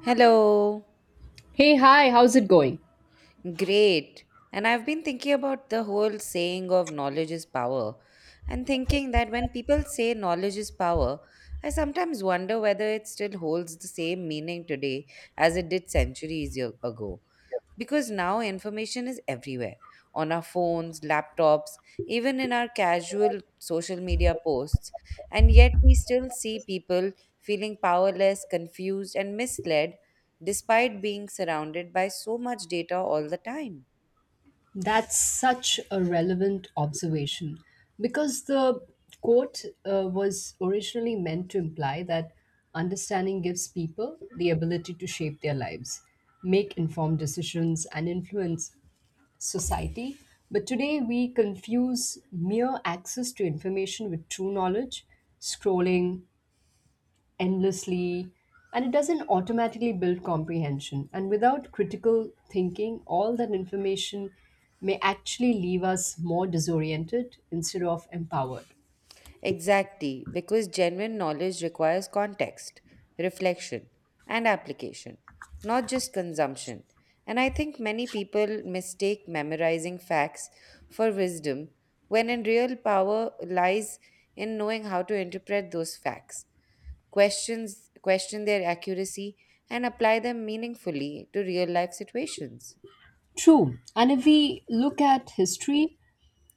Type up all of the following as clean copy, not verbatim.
Hello. Hey, hi, how's it going? Great. And I've been thinking about the whole saying of knowledge is power, and thinking that when people say knowledge is power, I sometimes wonder whether it still holds the same meaning today as it did centuries ago, because now information is everywhere — on our phones, laptops, even in our casual social media posts. And yet, we still see people feeling powerless, confused, and misled despite being surrounded by so much data all the time. That's such a relevant observation because the quote was originally meant to imply that understanding gives people the ability to shape their lives, make informed decisions, and influence society. But today we confuse mere access to information with true knowledge, scrolling, endlessly and it doesn't automatically build comprehension and without critical thinking all that information may actually leave us more disoriented instead of empowered. Exactly, because genuine knowledge requires context, reflection, and application, not just consumption. And I think many people mistake memorizing facts for wisdom, when in real power lies in knowing how to interpret those facts, question their accuracy and apply them meaningfully to real life situations. True. And if we look at history,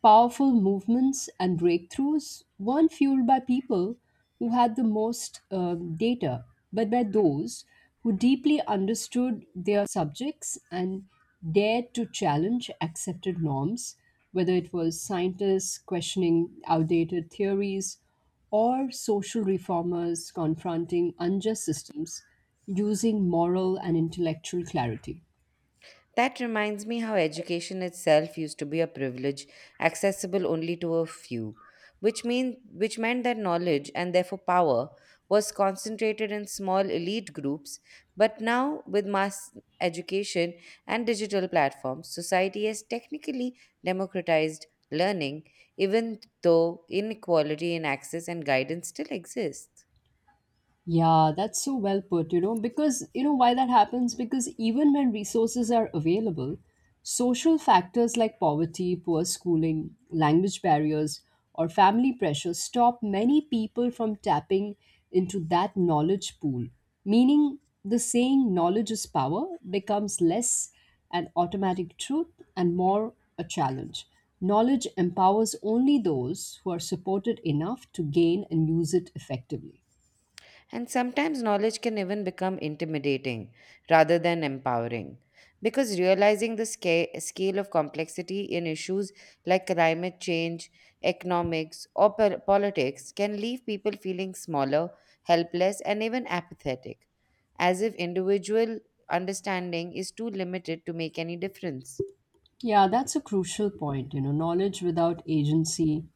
powerful movements and breakthroughs weren't fueled by people who had the most data, but by those who deeply understood their subjects and dared to challenge accepted norms, whether it was scientists questioning outdated theories or social reformers confronting unjust systems using moral and intellectual clarity. That reminds me how education itself used to be a privilege accessible only to a few, which meant that knowledge, and therefore power, was concentrated in small elite groups, but now with mass education and digital platforms, society has technically democratized learning, even though inequality in access and guidance still exists. Yeah, that's so well put, you know, because you know why that happens? Because even when resources are available, social factors like poverty, poor schooling, language barriers, or family pressure stop many people from tapping into that knowledge pool. Meaning, the saying knowledge is power becomes less an automatic truth and more a challenge. Knowledge empowers only those who are supported enough to gain and use it effectively. And sometimes knowledge can even become intimidating rather than empowering. Because realizing the scale of complexity in issues like climate change, economics, or politics can leave people feeling smaller, helpless, and even apathetic, as if individual understanding is too limited to make any difference. Yeah, that's a crucial point. You know, knowledge without agency,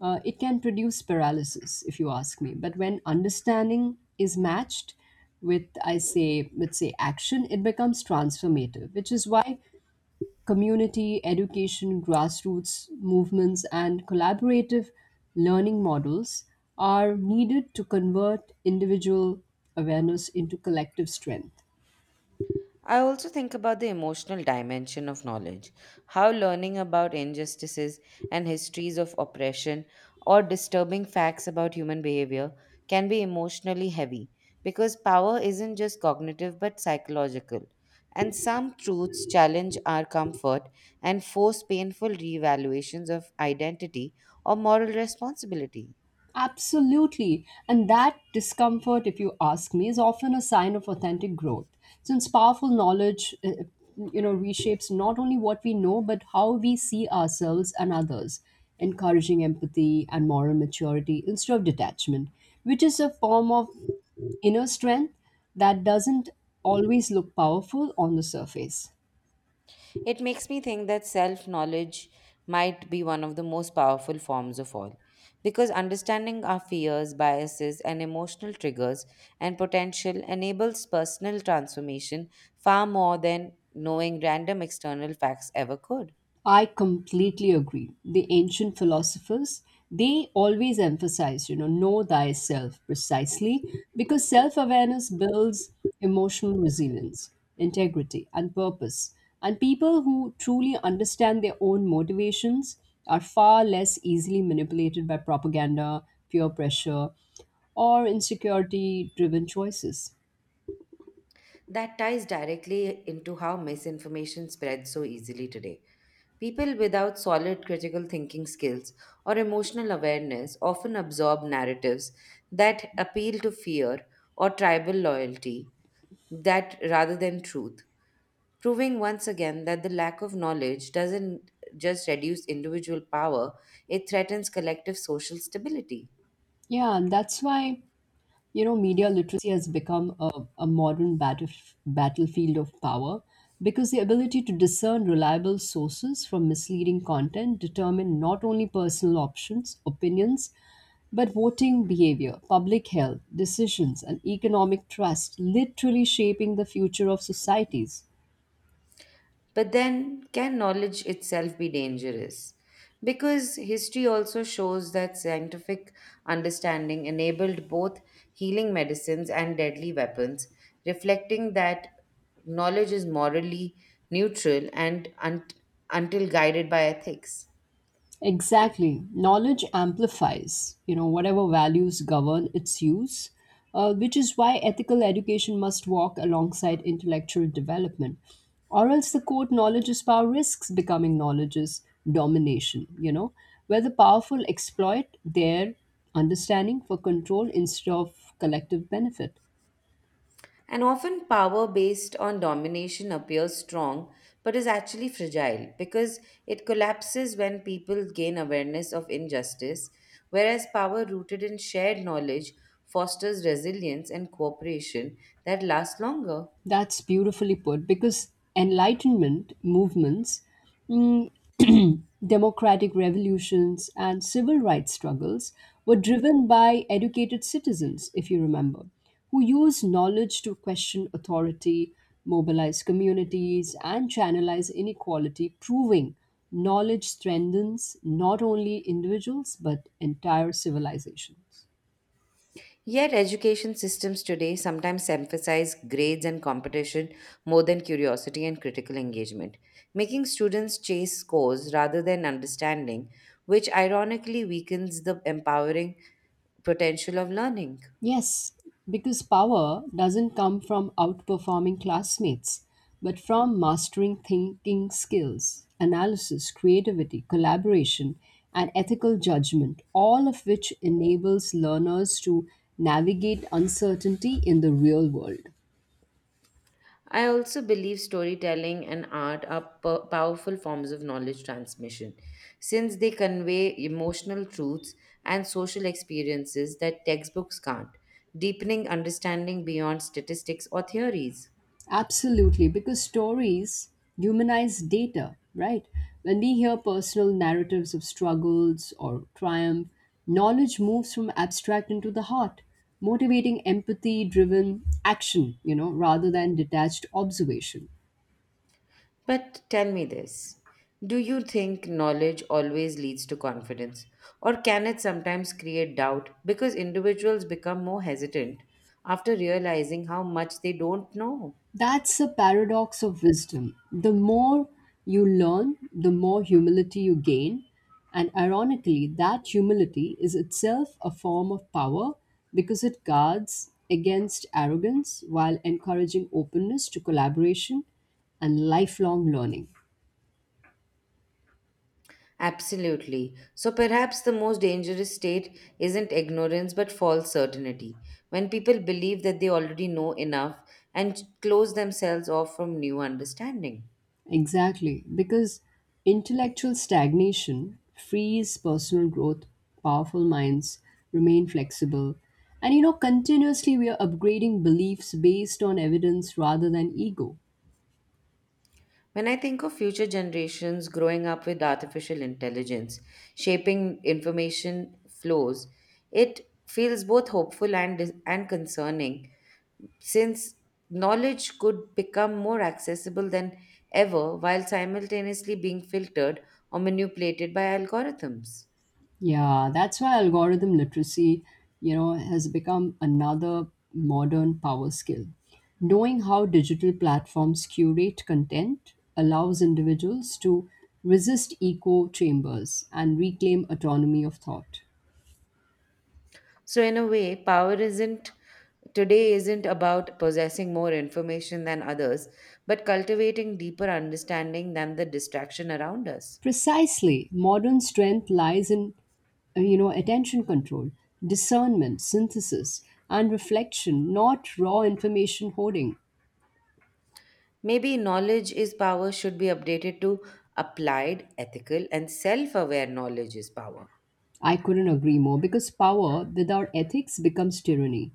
it can produce paralysis, if you ask me. But when understanding is matched with, I say, let's say action, it becomes transformative, which is why community, education, grassroots movements, and collaborative learning models are needed to convert individual awareness into collective strength. I also think about the emotional dimension of knowledge, how learning about injustices and histories of oppression or disturbing facts about human behavior can be emotionally heavy, because power isn't just cognitive but psychological. And some truths challenge our comfort and force painful reevaluations of identity or moral responsibility. Absolutely. And that discomfort, if you ask me, is often a sign of authentic growth. Since powerful knowledge, you know, reshapes not only what we know, but how we see ourselves and others, encouraging empathy and moral maturity instead of detachment, which is a form of inner strength that doesn't always look powerful on the surface. It makes me think that self knowledge might be one of the most powerful forms of all. Because understanding our fears, biases, and emotional triggers and potential enables personal transformation far more than knowing random external facts ever could. I completely agree. The ancient philosophers, they always emphasize, you know thyself precisely because self awareness builds emotional resilience, integrity, and purpose. And people who truly understand their own motivations are far less easily manipulated by propaganda, peer pressure, or insecurity driven choices. That ties directly into how misinformation spreads so easily today. People without solid critical thinking skills or emotional awareness often absorb narratives that appeal to fear or tribal loyalty that rather than truth, proving once again that the lack of knowledge doesn't just reduce individual power, it threatens collective social stability. Yeah, and that's why you know media literacy has become a modern battle, battlefield of power because the ability to discern reliable sources from misleading content determine not only personal options opinions but voting behavior public health decisions and economic trust literally shaping the future of societies. But then, can knowledge itself be dangerous? Because history also shows that scientific understanding enabled both healing medicines and deadly weapons, reflecting that knowledge is morally neutral and until guided by ethics. Exactly. Knowledge amplifies, you know, whatever values govern its use, which is why ethical education must walk alongside intellectual development. Or else the quote, knowledge is power risks becoming knowledge is domination, you know, where the powerful exploit their understanding for control instead of collective benefit. And often, power based on domination appears strong but is actually fragile, because it collapses when people gain awareness of injustice, whereas power rooted in shared knowledge fosters resilience and cooperation that lasts longer. That's beautifully put because enlightenment movements, mm, democratic revolutions, and civil rights struggles were driven by educated citizens, if you remember, who used knowledge to question authority, mobilize communities, and channelize inequality, proving knowledge strengthens not only individuals but entire civilizations. Yet, education systems today sometimes emphasize grades and competition more than curiosity and critical engagement, making students chase scores rather than understanding, which ironically weakens the empowering potential of learning. Yes, because power doesn't come from outperforming classmates, but from mastering thinking skills, analysis, creativity, collaboration, and ethical judgment, all of which enables learners to navigate uncertainty in the real world. I also believe storytelling and art are powerful forms of knowledge transmission, since they convey emotional truths and social experiences that textbooks can't, deepening understanding beyond statistics or theories. Absolutely, because stories humanize data, right? When we hear personal narratives of struggles or triumph, knowledge moves from abstract into the heart, motivating empathy driven action, you know, rather than detached observation. But tell me this: do you think knowledge always leads to confidence, or can it sometimes create doubt because individuals become more hesitant after realizing how much they don't know? That's a paradox of wisdom. The more you learn, the more humility you gain. And ironically, that humility is itself a form of power because it guards against arrogance while encouraging openness to collaboration and lifelong learning. Absolutely. So perhaps the most dangerous state isn't ignorance but false certainty, when people believe that they already know enough and close themselves off from new understanding. Exactly, because intellectual stagnation frees personal growth, powerful minds remain flexible. And you know, continuously we are upgrading beliefs based on evidence rather than ego. When I think of future generations growing up with artificial intelligence shaping information flows, it feels both hopeful and concerning, since knowledge could become more accessible than ever while simultaneously being filtered or manipulated by algorithms. Yeah, that's why algorithm literacy, you know, has become another modern power skill. Knowing how digital platforms curate content allows individuals to resist echo chambers and reclaim autonomy of thought. So, in a way, power isn't today isn't about possessing more information than others, but cultivating deeper understanding than the distraction around us. Precisely, modern strength lies in you know attention control, discernment, synthesis, and reflection, not raw information hoarding. Maybe knowledge is power should be updated to applied, ethical, and self aware knowledge is power. I couldn't agree more because power without ethics becomes tyranny,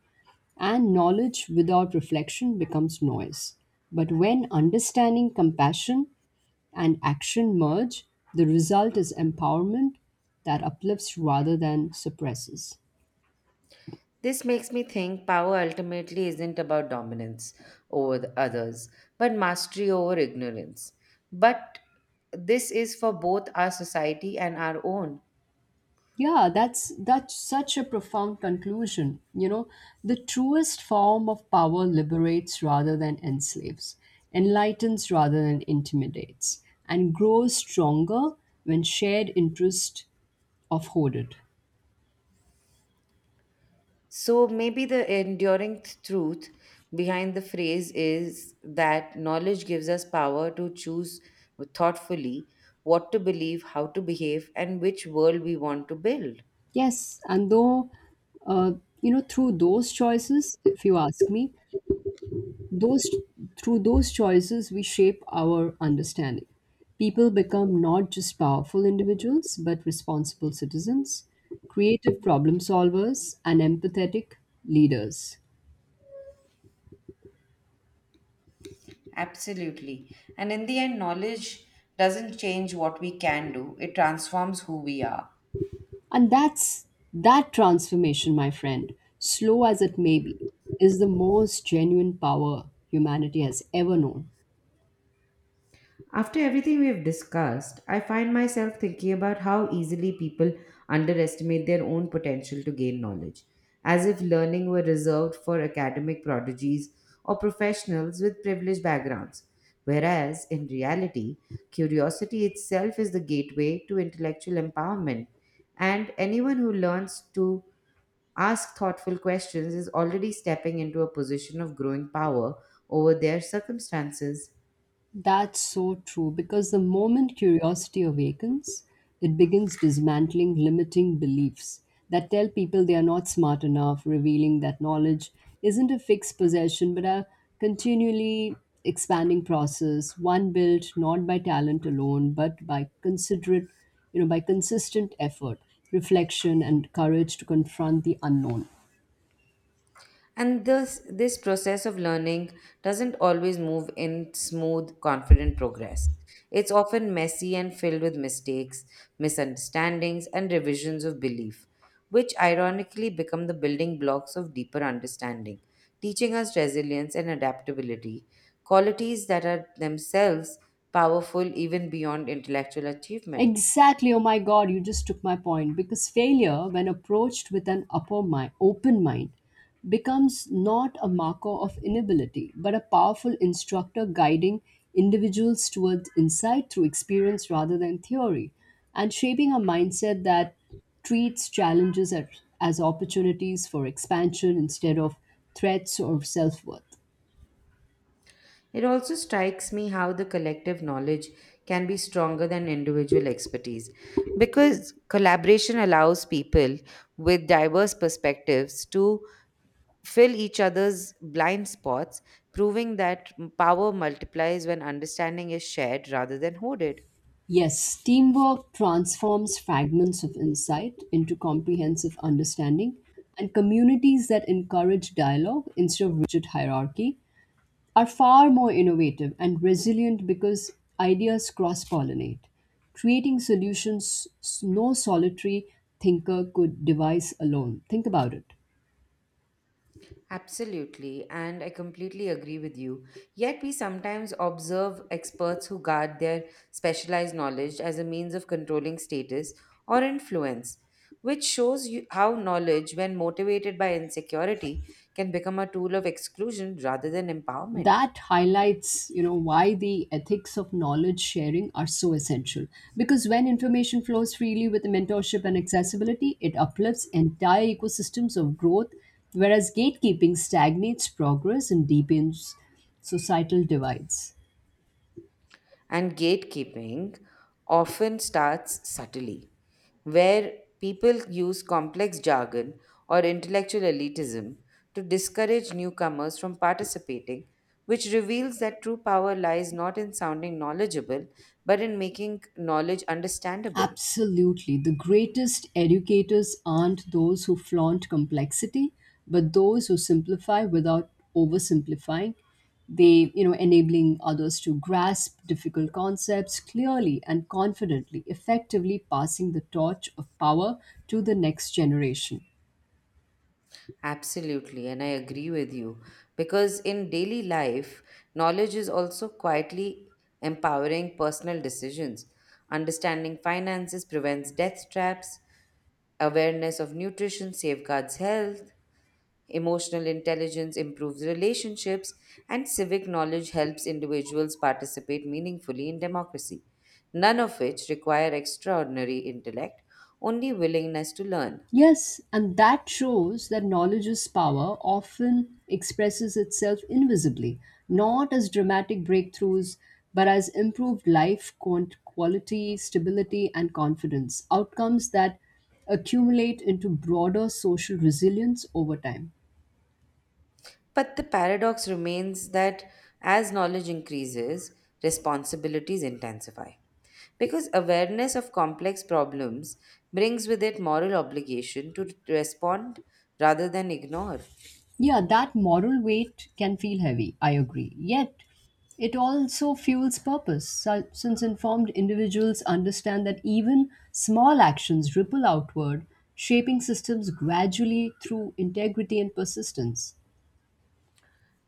and knowledge without reflection becomes noise. But when understanding, compassion, and action merge, the result is empowerment that uplifts rather than suppresses. This makes me think power ultimately isn't about dominance over the others, but mastery over ignorance. But this is for both our society and our own. Yeah, that's such a profound conclusion. You know, the truest form of power liberates rather than enslaves, enlightens rather than intimidates, and grows stronger when shared interest of hoarded. So maybe the enduring truth behind the phrase is that knowledge gives us power to choose thoughtfully what to believe, how to behave, and which world we want to build. Yes, and though uh, you know through those choices, if you ask me, Those through those choices we shape our understanding. People become not just powerful individuals but responsible citizens, creative problem solvers and empathetic leaders. Absolutely. And in the end, knowledge doesn't change what we can do, it transforms who we are. And that transformation, my friend, slow as it may be, is the most genuine power humanity has ever known. After everything we have discussed, I find myself thinking about how easily people underestimate their own potential to gain knowledge, as if learning were reserved for academic prodigies or professionals with privileged backgrounds. Whereas, in reality, curiosity itself is the gateway to intellectual empowerment, and anyone who learns to ask thoughtful questions is already stepping into a position of growing power over their circumstances. That's so true because the moment curiosity awakens, it begins dismantling limiting beliefs that tell people they are not smart enough, revealing that knowledge isn't a fixed possession but a continually expanding process, one built not by talent alone but by consistent effort, reflection, and courage to confront the unknown. And this process of learning doesn't always move in smooth, confident progress. It's often messy and filled with mistakes, misunderstandings, and revisions of belief, which ironically become the building blocks of deeper understanding, teaching us resilience and adaptability, qualities that are themselves powerful even beyond intellectual achievement. Exactly. Oh my God, you just took my point. Because failure, when approached with an open mind, becomes not a marker of inability, but a powerful instructor guiding individuals towards insight through experience rather than theory, and shaping a mindset that treats challenges as opportunities for expansion instead of threats or self worth. It also strikes me how the collective knowledge can be stronger than individual expertise, because collaboration allows people with diverse perspectives to fill each other's blind spots, proving that power multiplies when understanding is shared rather than hoarded. Yes, teamwork transforms fragments of insight into comprehensive understanding, and communities that encourage dialogue instead of rigid hierarchy are far more innovative and resilient because ideas cross pollinate, creating no solitary thinker could devise alone. Think about it. Absolutely, and I completely agree with you. Yet, we sometimes observe experts who guard their specialized knowledge as a means of controlling status or influence, which shows you how knowledge, when motivated by insecurity, can become a tool of exclusion rather than empowerment. That highlights you know why the ethics of knowledge sharing are so essential because when information flows freely with mentorship and accessibility it uplifts entire ecosystems of growth whereas gatekeeping stagnates progress and deepens societal divides. And gatekeeping often starts subtly, where people use complex jargon or intellectual elitism to discourage newcomers from participating, which reveals that true power lies not in sounding knowledgeable, but in making knowledge understandable. Absolutely. The greatest educators aren't those who flaunt complexity, but those who simplify without oversimplifying. They, you know, enabling others to grasp difficult concepts clearly and confidently, effectively passing the torch of power to the next generation. Absolutely, and I agree with you, because in daily life, knowledge is also quietly empowering personal decisions. Understanding finances prevents death traps, awareness of nutrition safeguards health, emotional intelligence improves relationships, and civic knowledge helps individuals participate meaningfully in democracy, none of which require extraordinary intellect, only willingness to learn. Yes, and that shows that knowledge's power often expresses itself invisibly, not as dramatic breakthroughs, but as improved quality, stability, and confidence, outcomes that accumulate into broader social resilience over time. But the paradox remains that as knowledge increases, responsibilities intensify. Because awareness of complex problems brings with it moral obligation to respond rather than ignore. Yeah, that moral weight can feel heavy, I agree. Yet, it also fuels purpose, since informed individuals understand that even small actions ripple outward, shaping systems gradually through integrity and persistence.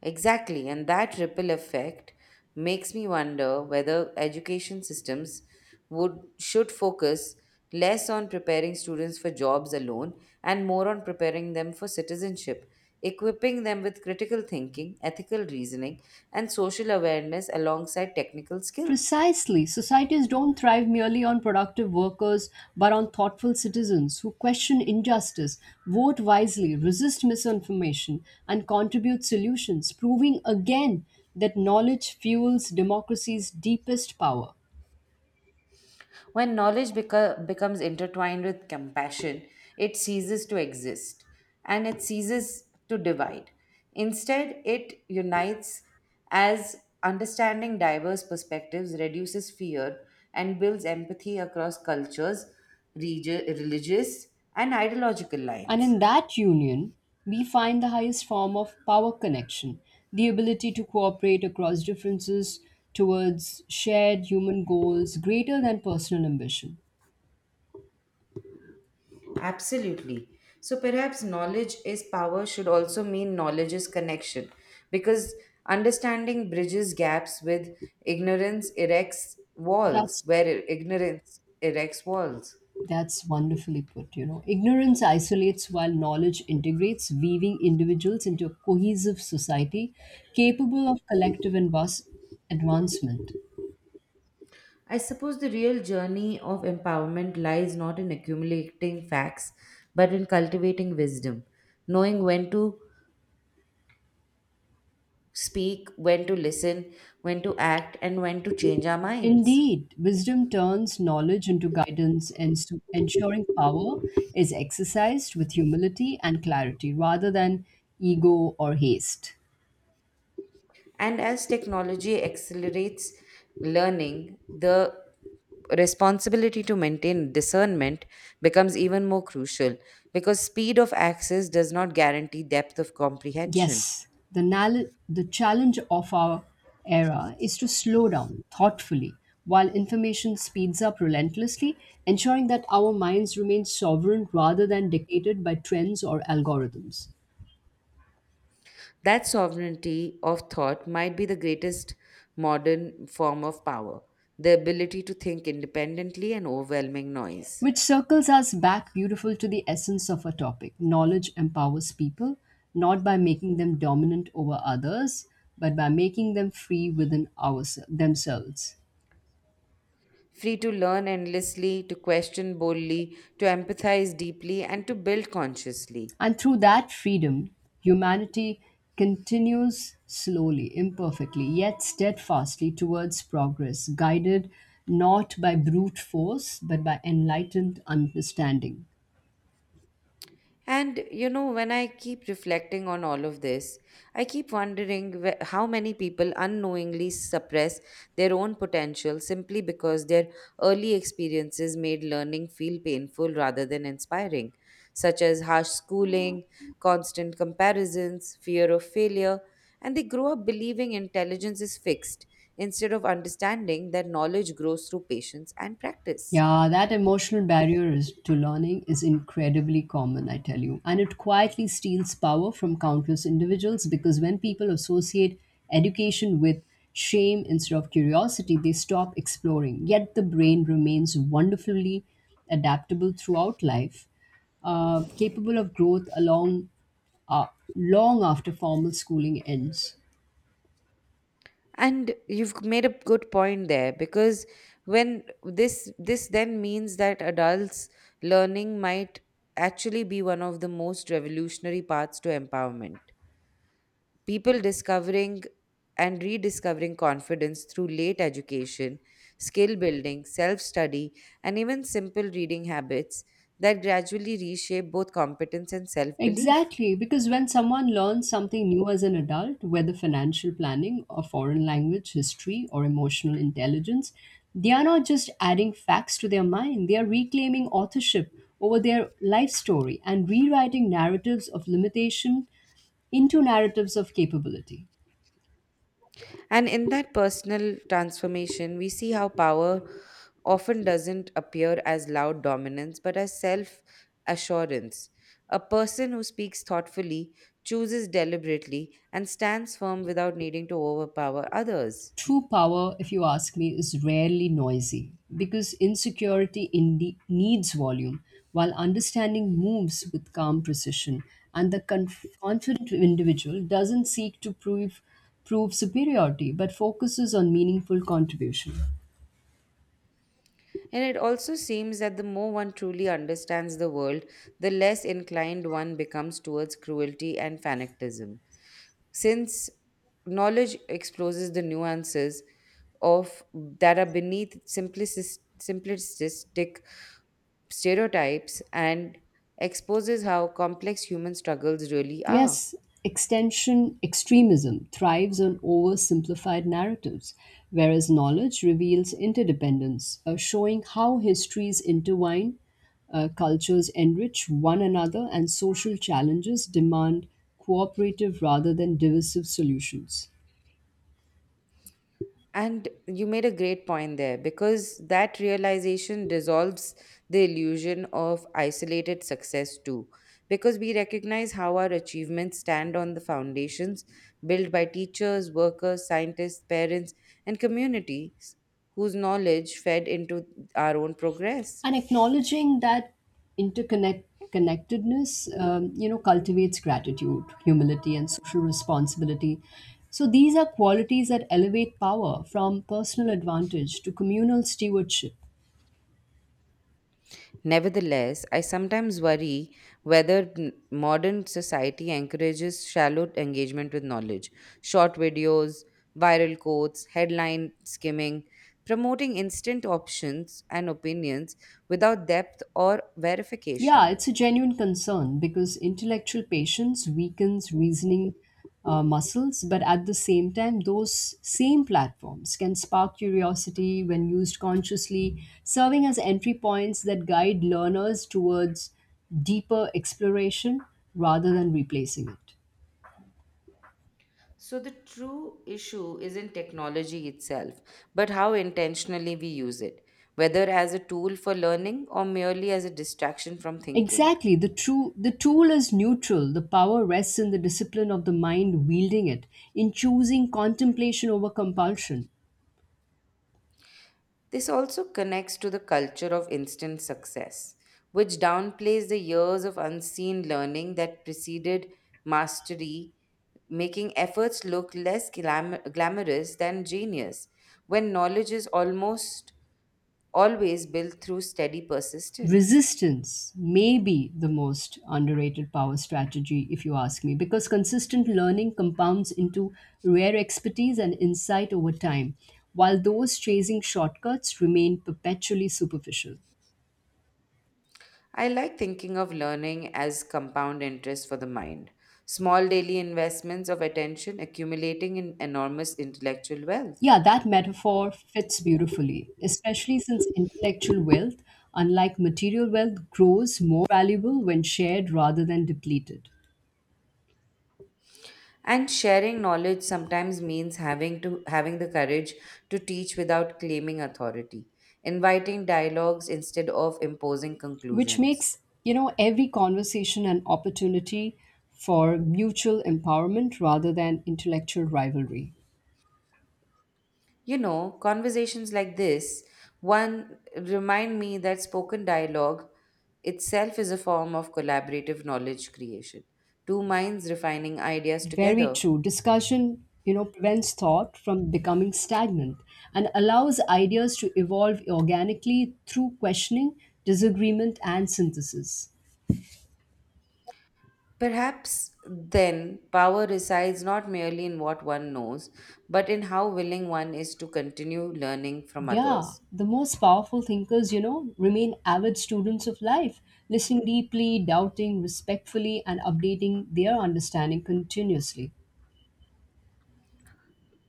Exactly, and that ripple effect makes me wonder whether education systems would should focus less on preparing students for jobs alone and more on preparing them for citizenship, equipping them with critical thinking, ethical reasoning, and social awareness alongside technical skills. Precisely. Societies don't thrive merely on productive workers, but on thoughtful citizens who question injustice, vote wisely, resist misinformation, and contribute solutions, proving again that knowledge fuels democracy's deepest power. When knowledge becomes intertwined with compassion, it ceases to exist and it ceases to divide. Instead, it unites, as understanding diverse perspectives reduces fear and builds empathy across cultures, religious, and ideological And lines. in that union, we find the highest form of power connection, the ability to cooperate across differences towards shared human goals greater than personal ambition. Absolutely. So perhaps knowledge is power should also mean knowledge is connection, because understanding bridges gaps with ignorance erects walls That's where ignorance erects walls. That's wonderfully put, you know. Ignorance isolates while knowledge integrates, weaving individuals into a cohesive society capable of collective and vast advancement. I suppose the real journey of empowerment lies not in accumulating facts but in cultivating wisdom, knowing when to speak, when to listen, when to act, and when to change our minds. Indeed, wisdom turns knowledge into guidance and so ensuring power is exercised with humility and clarity rather than ego or haste. And as technology accelerates learning, the responsibility to maintain discernment becomes even more crucial, because speed of access does not guarantee depth of comprehension. Yes, the challenge of our era is to slow down thoughtfully while information speeds up relentlessly, ensuring that our minds remain sovereign rather than dictated by trends or algorithms. That sovereignty of thought might be the greatest modern form of power, the ability to think independently and overwhelming noise. Which circles us back beautiful to the essence of our topic. Knowledge empowers people, not by making them dominant over others, but by making them free within ourselves themselves. Free to learn endlessly, to question boldly, to empathize deeply, and to build consciously. And through that freedom, humanity continues slowly, imperfectly, yet steadfastly towards progress, guided not by brute force, but by enlightened understanding. And you know, when I keep reflecting on all of this, I keep wondering how many people unknowingly suppress their own potential simply because their early experiences made learning feel painful rather than inspiring, such as harsh schooling, constant comparisons, fear of failure, and they grow up believing intelligence is fixed instead of understanding that knowledge grows through patience and practice. Yeah, that emotional barrier is, to learning is incredibly common, I tell you. And it quietly steals power from countless individuals because when people associate education with shame instead of curiosity, they stop exploring. Yet the brain remains wonderfully adaptable throughout life, capable of growth along uh, long after formal schooling ends. And you've made a good point there, because when this then means that adults learning might actually be one of the most revolutionary paths to empowerment, people discovering and rediscovering confidence through late education, skill building, self study, and even simple reading habits that gradually reshape both competence and self belief. Exactly, because when someone learns something new as an adult, whether financial planning, a foreign language, history, or emotional intelligence, they are not just adding facts to their mind, they are reclaiming authorship over their life story and rewriting narratives of limitation into narratives of capability. And in that personal transformation, we see how power often doesn't appear as loud dominance, but as self assurance. A person who speaks thoughtfully, chooses deliberately, and stands firm without needing to overpower others. True power, if you ask me, is rarely noisy because insecurity needs volume, while understanding moves with calm precision, and the confident individual doesn't seek to prove superiority but focuses on meaningful contribution. And it also seems that the more one truly understands the world, the less inclined one becomes towards cruelty and fanatism, since knowledge exposes the nuances of that are beneath simplistic stereotypes and exposes how complex human struggles really are. Yes, extension extremism thrives on oversimplified narratives, whereas knowledge reveals interdependence, showing how histories intertwine, cultures enrich one another, and social challenges demand cooperative rather than divisive solutions. And you made a great point there, because that realization dissolves the illusion of isolated success too. Because we recognize how our achievements stand on the foundations built by teachers, workers, scientists, parents, and communities whose knowledge fed into our own progress. And acknowledging that interconnect connectedness you know cultivates gratitude humility and social responsibility so these are qualities that elevate power from personal advantage to communal stewardship. Nevertheless, I sometimes worry whether modern society encourages shallow engagement with knowledge. Short videos, viral quotes, headline skimming, promoting instant options and opinions without depth or Yeah, verification. it's a genuine concern because intellectual patience weakens reasoning muscles, but at the same time, those same platforms can spark curiosity when used consciously, serving as entry points that guide learners towards deeper exploration rather than replacing it. So, the true issue isn't technology itself, but how intentionally we use it, whether as a tool for learning or merely as a distraction from thinking. Exactly, the tool is neutral. The power rests in the discipline of the mind wielding it, in choosing contemplation over compulsion. This also connects to the culture of instant success, which downplays the years of unseen learning that preceded mastery, making efforts look less glamorous than genius, when knowledge is almost always built through steady persistence. Resistance may be the most underrated power strategy, if you ask me, because consistent learning compounds into rare expertise and insight over time, while those chasing shortcuts remain perpetually superficial. I like thinking of learning as compound interest for the mind, small daily investments of attention accumulating in enormous intellectual wealth. Yeah, that metaphor fits beautifully, especially since intellectual wealth, unlike material wealth, grows more valuable when shared rather than depleted. And sharing knowledge sometimes means having the courage to teach without claiming authority, inviting dialogues instead of imposing Which conclusions. makes you know every conversation an opportunity for mutual empowerment rather than intellectual rivalry. You know, conversations like this one remind me that spoken dialogue itself is a form of collaborative knowledge creation, two minds refining ideas Very together. true discussion you know prevents thought from becoming stagnant and allows ideas to evolve organically through questioning disagreement and synthesis. Perhaps then power resides not merely in what one knows, but in how willing one is to continue learning from Yeah others. the most powerful thinkers you know remain avid students of life listening deeply doubting respectfully and updating their understanding continuously.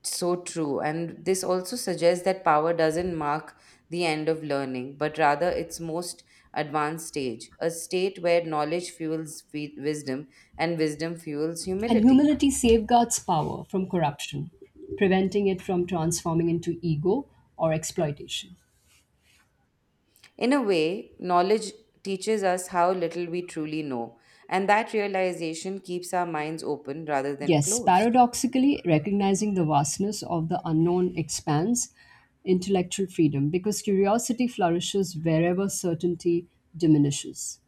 So true. And this also suggests that power doesn't mark the end of learning, but rather its most advanced stage, a state where knowledge fuels wisdom and wisdom fuels And humility. humility safeguards power from corruption, preventing it from transforming into ego or exploitation. In a way, knowledge teaches us how little we truly know, and that realization keeps our minds open rather than Yes, closed. paradoxically, recognizing the vastness of the unknown expands intellectual freedom because curiosity flourishes wherever certainty diminishes.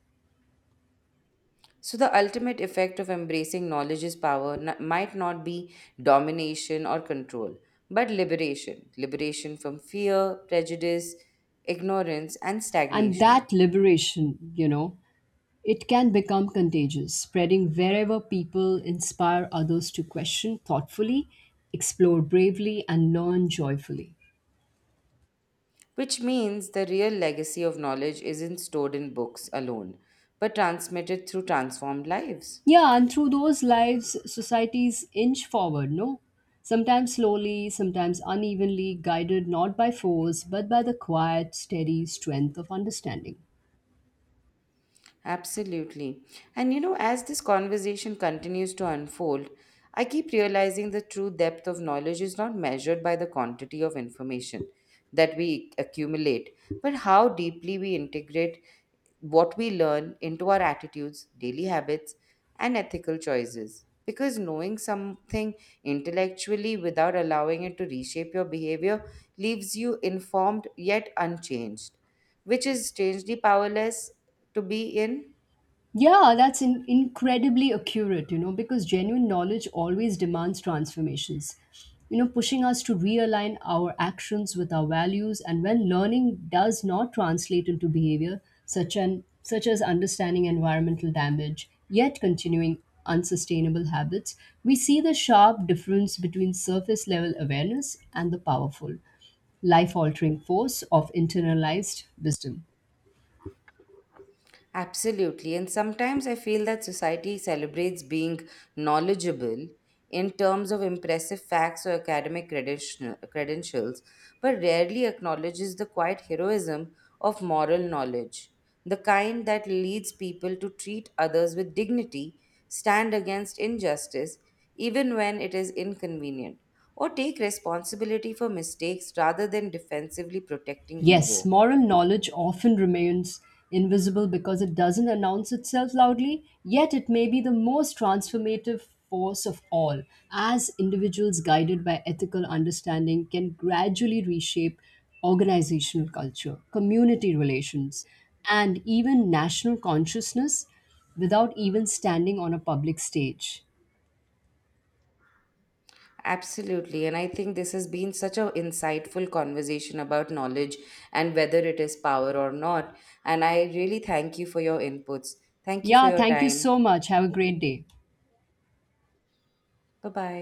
So, the ultimate effect of embracing knowledge is power might not be domination or control, but liberation. Liberation from fear, prejudice, ignorance, and And stagnation. that liberation, you know, it can become contagious, spreading wherever people inspire others to question thoughtfully, explore bravely, and learn joyfully. Which means the real legacy of knowledge isn't stored in books alone, but transmitted through transformed lives. Yeah, and through those lives, societies inch forward, no? Sometimes slowly, sometimes unevenly, guided not by force, but by the quiet, steady strength of understanding. Absolutely. And you know, as this conversation continues to unfold, I keep realizing the true depth of knowledge is not measured by the quantity of information that we accumulate, but how deeply we integrate what we learn into our attitudes, daily habits, and ethical choices. Because knowing something intellectually without allowing it to reshape your behavior leaves you informed yet unchanged, which is strangely powerless to be in. Yeah, that's incredibly accurate, you know, because genuine knowledge always demands transformations, you know, pushing us to realign our actions with our values. And when learning does not translate into behavior, such as understanding environmental damage, yet continuing unsustainable habits, we see the sharp difference between surface level awareness and the powerful, life altering force of internalized wisdom. Absolutely. And sometimes I feel that society celebrates being knowledgeable in terms of impressive facts or academic credentials, but rarely acknowledges the quiet heroism of moral knowledge, the kind that leads people to treat others with dignity, stand against injustice, even when it is inconvenient, or take responsibility for mistakes rather than defensively protecting Yes, ego. moral knowledge often remains invisible because it doesn't announce itself loudly, yet it may be the most transformative force of all, as individuals guided by ethical understanding can gradually reshape organizational culture, community relations, and even national consciousness without even standing on a public stage. Absolutely. And I think this has been such an insightful conversation about knowledge and whether it is power or not. And I really thank you for your inputs. Thank you for Yeah, your thank you time. so much. Have a great day. Bye bye.